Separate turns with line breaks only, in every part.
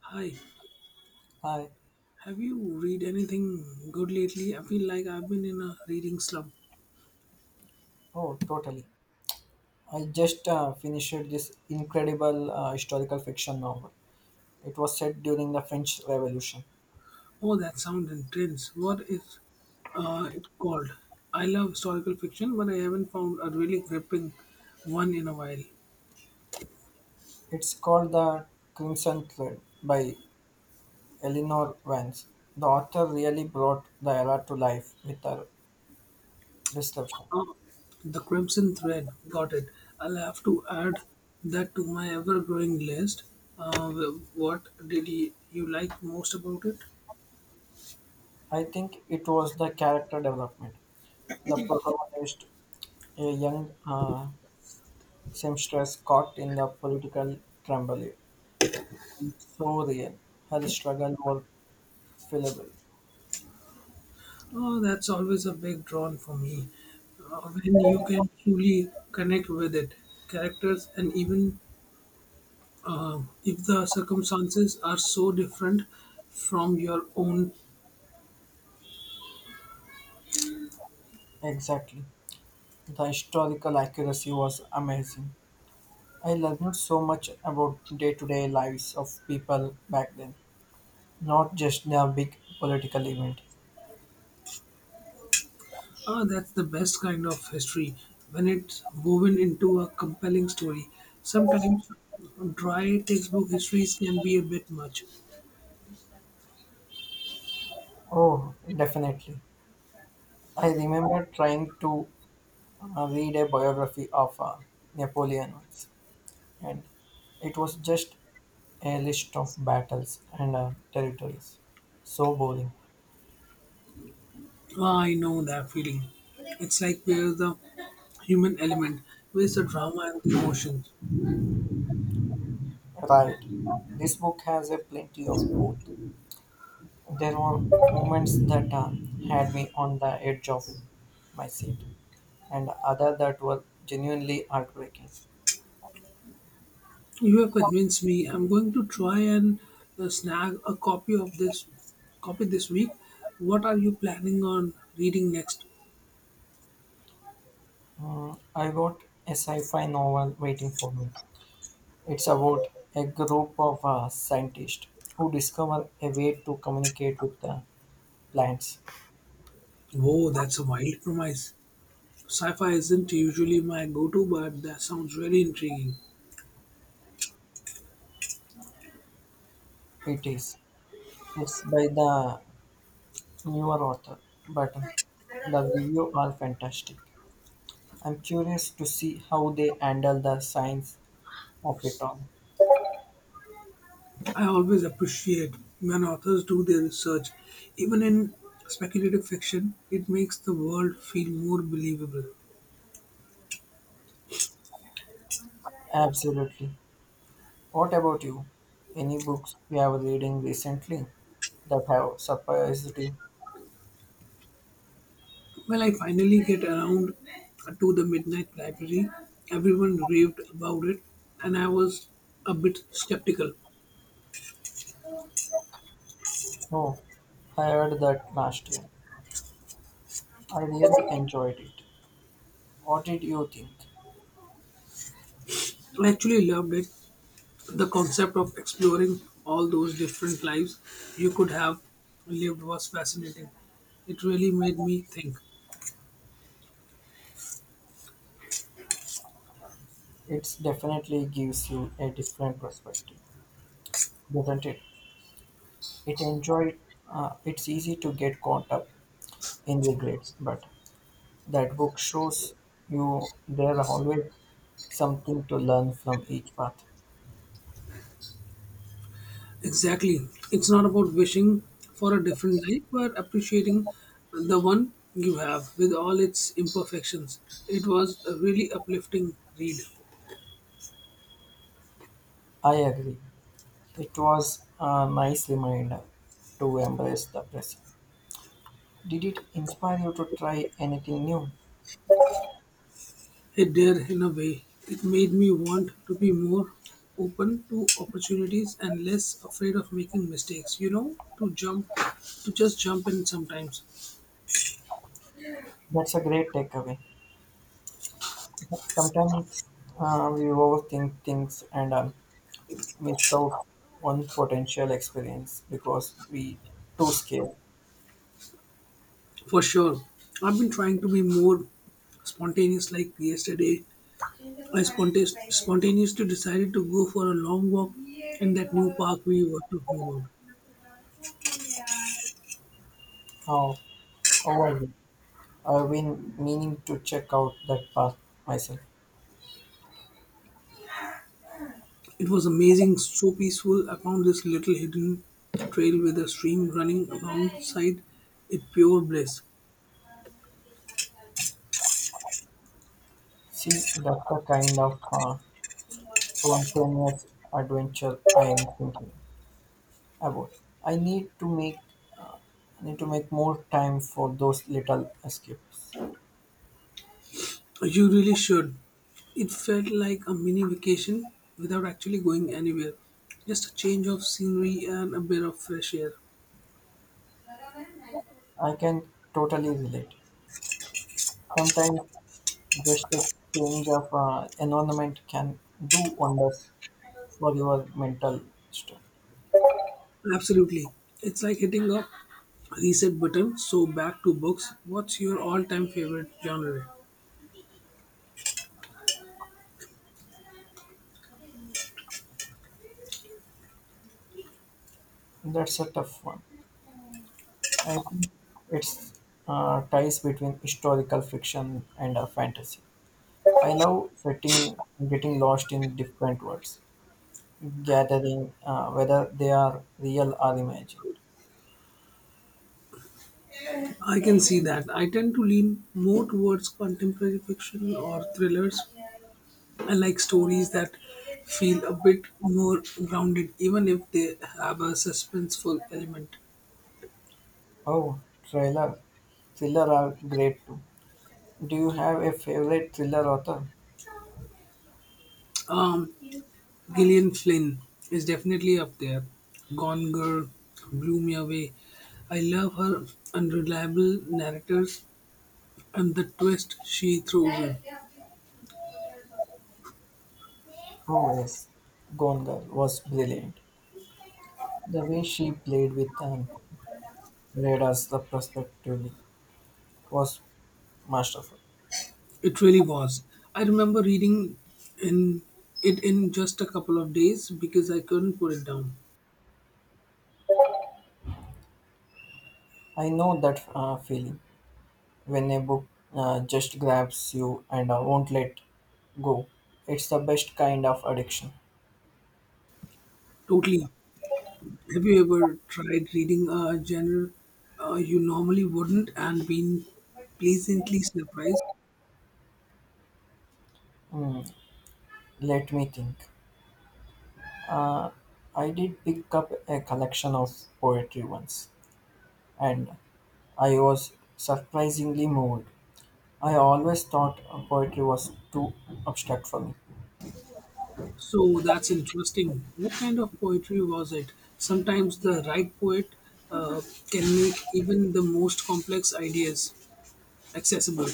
Hi,
Hi!
have you read anything good lately? I feel like I've been in a reading slump.
Oh, totally. I just finished this incredible historical fiction novel. It was set during the French Revolution.
Oh, that sound intense. What is it called? I love historical fiction, but I haven't found a really gripping one in a while.
It's called The Crimson Thread by Eleanor Vance. The author really brought the era to life with her description.
Oh, The Crimson Thread. Got it. I'll have to add that to my ever growing list. What did you like most about it?
I think it was the character development. The protagonist, a young seamstress caught in the political turmoil, so real. Her struggle was fillable.
Oh, that's always a big drawn for me. When you can truly connect with it, characters, and even if the circumstances are so different from your own,
Exactly. The historical accuracy was amazing. I learned so much about day to day lives of people back then, not just their big political event.
that's the best kind of history. When it's woven into a compelling story, sometimes dry textbook histories can be a bit much.
Oh, definitely. I remember trying to read a biography of Napoleon once, and it was just a list of battles and territories. So boring.
Ah, I know that feeling. It's like where's the human element, where's the drama and the emotion?
Right. This book has a plenty of both. There were moments that had me on the edge of my seat, and other that were genuinely heartbreaking.
You have convinced me. I'm going to try and snag a copy of this copy this week. What are you planning on reading next?
I wrote a sci-fi novel waiting for me. It's about a group of scientists who discover a way to communicate with the plants.
Whoa, that's a wild premise. Sci-fi isn't usually my go-to, but that sounds really intriguing.
It is. It's by the newer author, but the review are fantastic. I'm curious to see how they handle the science of it all.
I always appreciate when authors do their research, even in speculative fiction. It makes the world feel more believable.
Absolutely. What about you? Any books you have reading recently that have surprised you?
Well, I finally get around to the Midnight Library, everyone raved about it, and I was a bit skeptical.
Oh, I heard that last year. I really enjoyed it. What did you think?
I actually loved it. The concept of exploring all those different lives you could have lived was fascinating. It really made me think.
It definitely gives you a different perspective, doesn't it? It enjoyed. It's easy to get caught up in regrets, but that book shows you there are always something to learn from each path.
Exactly. It's not about wishing for a different life, but appreciating the one you have with all its imperfections. It was a really uplifting read.
I agree. It was a nice reminder to embrace the present. Did it inspire you to try anything new?
It did, in a way. It made me want to be more open to opportunities and less afraid of making mistakes, you know, to just jump in sometimes.
That's a great takeaway. Sometimes we overthink things and miss out on potential experience because we too scared.
For sure. I've been trying to be more spontaneous, like yesterday. I spontaneously decided to go for a long walk in that new park we were talking about.
How overwhelmed. I've been meaning to check out that path myself.
It was amazing, so peaceful. I found this little hidden trail with a stream running alongside a pure bliss.
See, that's the kind of spontaneous adventure I am thinking about. I need to make I need to make more time for those little escapes.
You really should. It felt like a mini vacation without actually going anywhere. Just a change of scenery and a bit of fresh air.
I can totally relate. Sometimes just a change of environment can do wonders for your mental strength.
Absolutely. It's like hitting a reset button. So back to books. What's your all-time favorite genre?
That's a tough one. I think it's ties between historical fiction and fantasy. I love getting lost in different worlds, gathering whether they are real or imagined.
I can see that. I tend to lean more towards contemporary fiction or thrillers. I like stories that feel a bit more grounded even if they have a suspenseful element.
Oh, thriller, thriller are great too. Do you have a favorite thriller author?
Um, Gillian Flynn is definitely up there. Gone Girl blew me away. I love her unreliable narrators and the twist she throws in.
Oh yes, Gone Girl was brilliant. The way she played with and read us the perspectively was masterful.
It really was. I remember reading in it in just a couple of days because I couldn't put it down.
I know that feeling when a book just grabs you and won't let go. It's the best kind of addiction.
Totally. Have you ever tried reading a genre you normally wouldn't and been pleasantly surprised?
Hmm, let me think. Uh, I did pick up a collection of poetry once, and I was surprisingly moved. I always thought poetry was too abstract for me.
So that's interesting. What kind of poetry was it? Sometimes the right poet uh, can make even the most complex ideas accessible.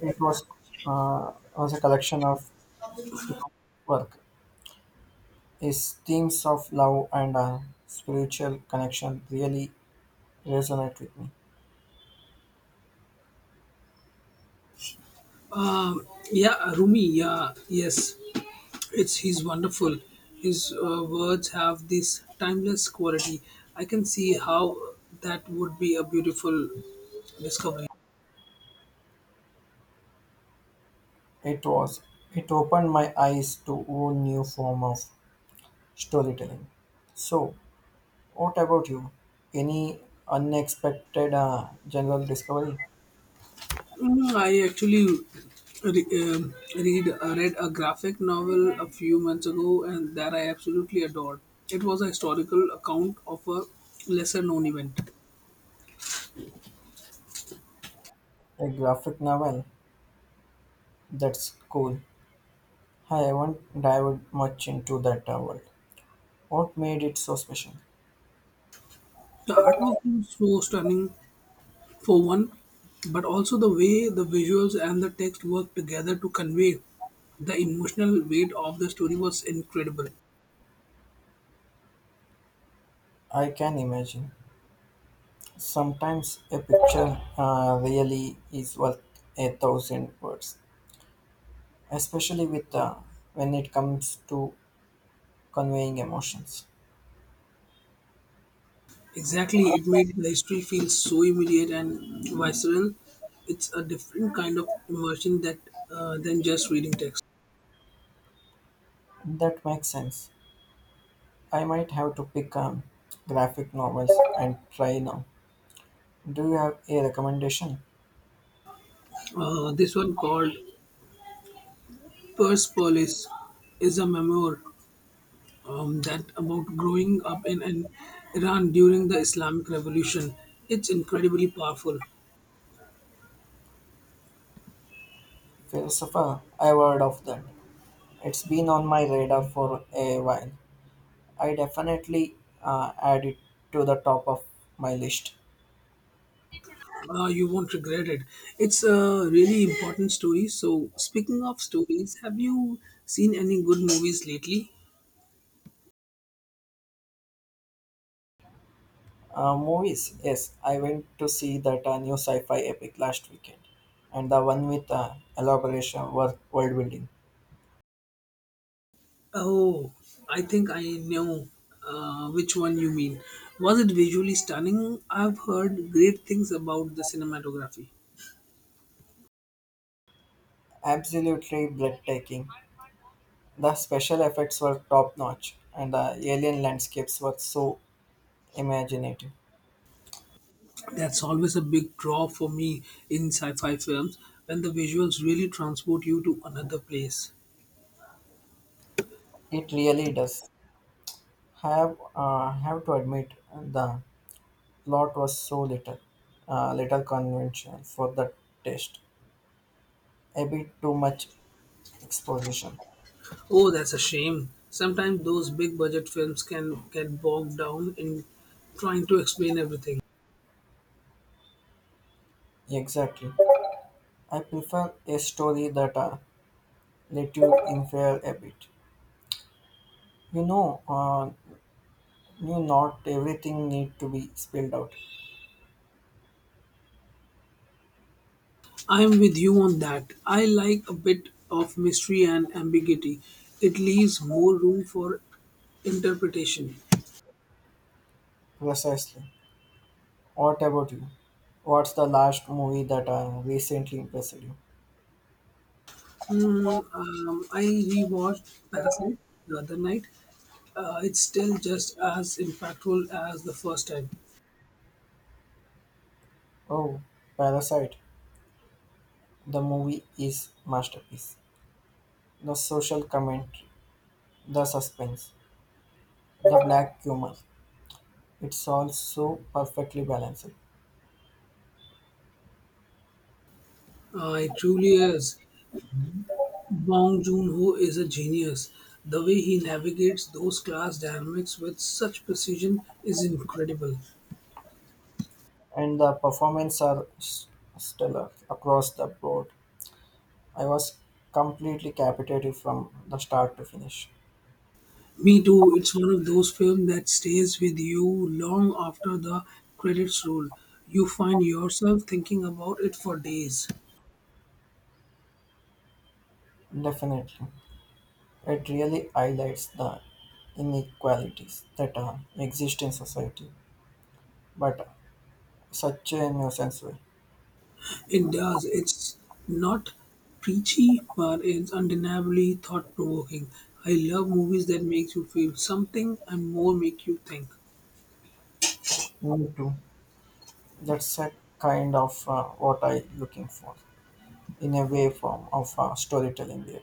It was uh, a collection of you know, work. His themes of love and spiritual connection really resonate with me.
Yeah, Rumi. Yeah, yes, it's he's wonderful. His words have this timeless quality. I can see how that would be a beautiful discovery.
It was it opened my eyes to a new form of storytelling. So, what about you? Any unexpected general discovery?
I actually re- um, read a graphic novel a few months ago, and that I absolutely adored. It was a historical account of a lesser known event.
A graphic novel? That's cool. I haven't dived much into that world. What made it so special?
The artwork was so stunning for one, but also the way the visuals and the text worked together to convey the emotional weight of the story was incredible.
I can imagine. Sometimes a picture really is worth a thousand words, especially with when it comes to conveying emotions.
Exactly, it made the history feel so immediate and visceral. It's a different kind of immersion that than just reading text.
That makes sense. I might have to pick graphic novels and try now. Do you have a recommendation?
This one called Persepolis is a memoir that about growing up in Iran during the Islamic Revolution. It's incredibly powerful.
Philosopher, I've heard of that. It's been on my radar for a while. I definitely add it to the top of my list.
You won't regret it. It's a really important story. So, speaking of stories, have you seen any good movies lately?
Movies, yes, I went to see that new sci-fi epic last weekend, and the one with elaboration work world building.
Oh, I think I know which one you mean. Was it visually stunning? I've heard great things about the cinematography.
Absolutely breathtaking. The special effects were top notch, and the alien landscapes were so imaginative.
That's always a big draw for me in sci fi films when the visuals really transport you to another place.
It really does. Have to admit the plot was so little, little conventional for the test. A bit too much exposition.
Oh, that's a shame. Sometimes those big budget films can get bogged down in trying to explain everything.
Exactly. I prefer a story that let you infer a bit. You know, you not everything need to be spelled out
I'm with you on that. I like a bit of mystery and ambiguity, it leaves more room for interpretation.
precisely. What about you? What's the last movie that recently impressed you?
I rewatched Parasite the other night. It's still just as impactful as the first time.
Oh, Parasite. The movie is masterpiece. The social commentary, the suspense, the black humor. It's all so perfectly balanced,
It truly is. Bong Joon-ho is a genius. The way he navigates those class dynamics with such precision is incredible.
and the performances are stellar across the board. I was completely captivated from the start to finish.
Me too. It's one of those films that stays with you long after the credits roll. You find yourself thinking about it for days.
Definitely, it really highlights the inequalities that exist in society, but such a nuisance way.
It does. It's not preachy, but it's undeniably thought-provoking. I love movies that make you feel something and more make you think.
Me too. That's a kind of what I looking for in a way form of storytelling there.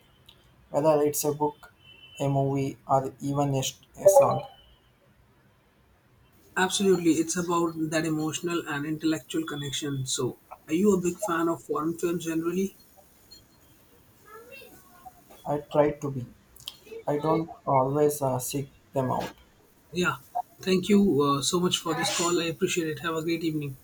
Whether it's a book, a movie, or even a song,
Absolutely, it's about that emotional and intellectual connection. So, are you a big fan of foreign films generally?
I try to be. I don't always seek them out.
Yeah. Thank you so much for this call. I appreciate it. Have a great evening.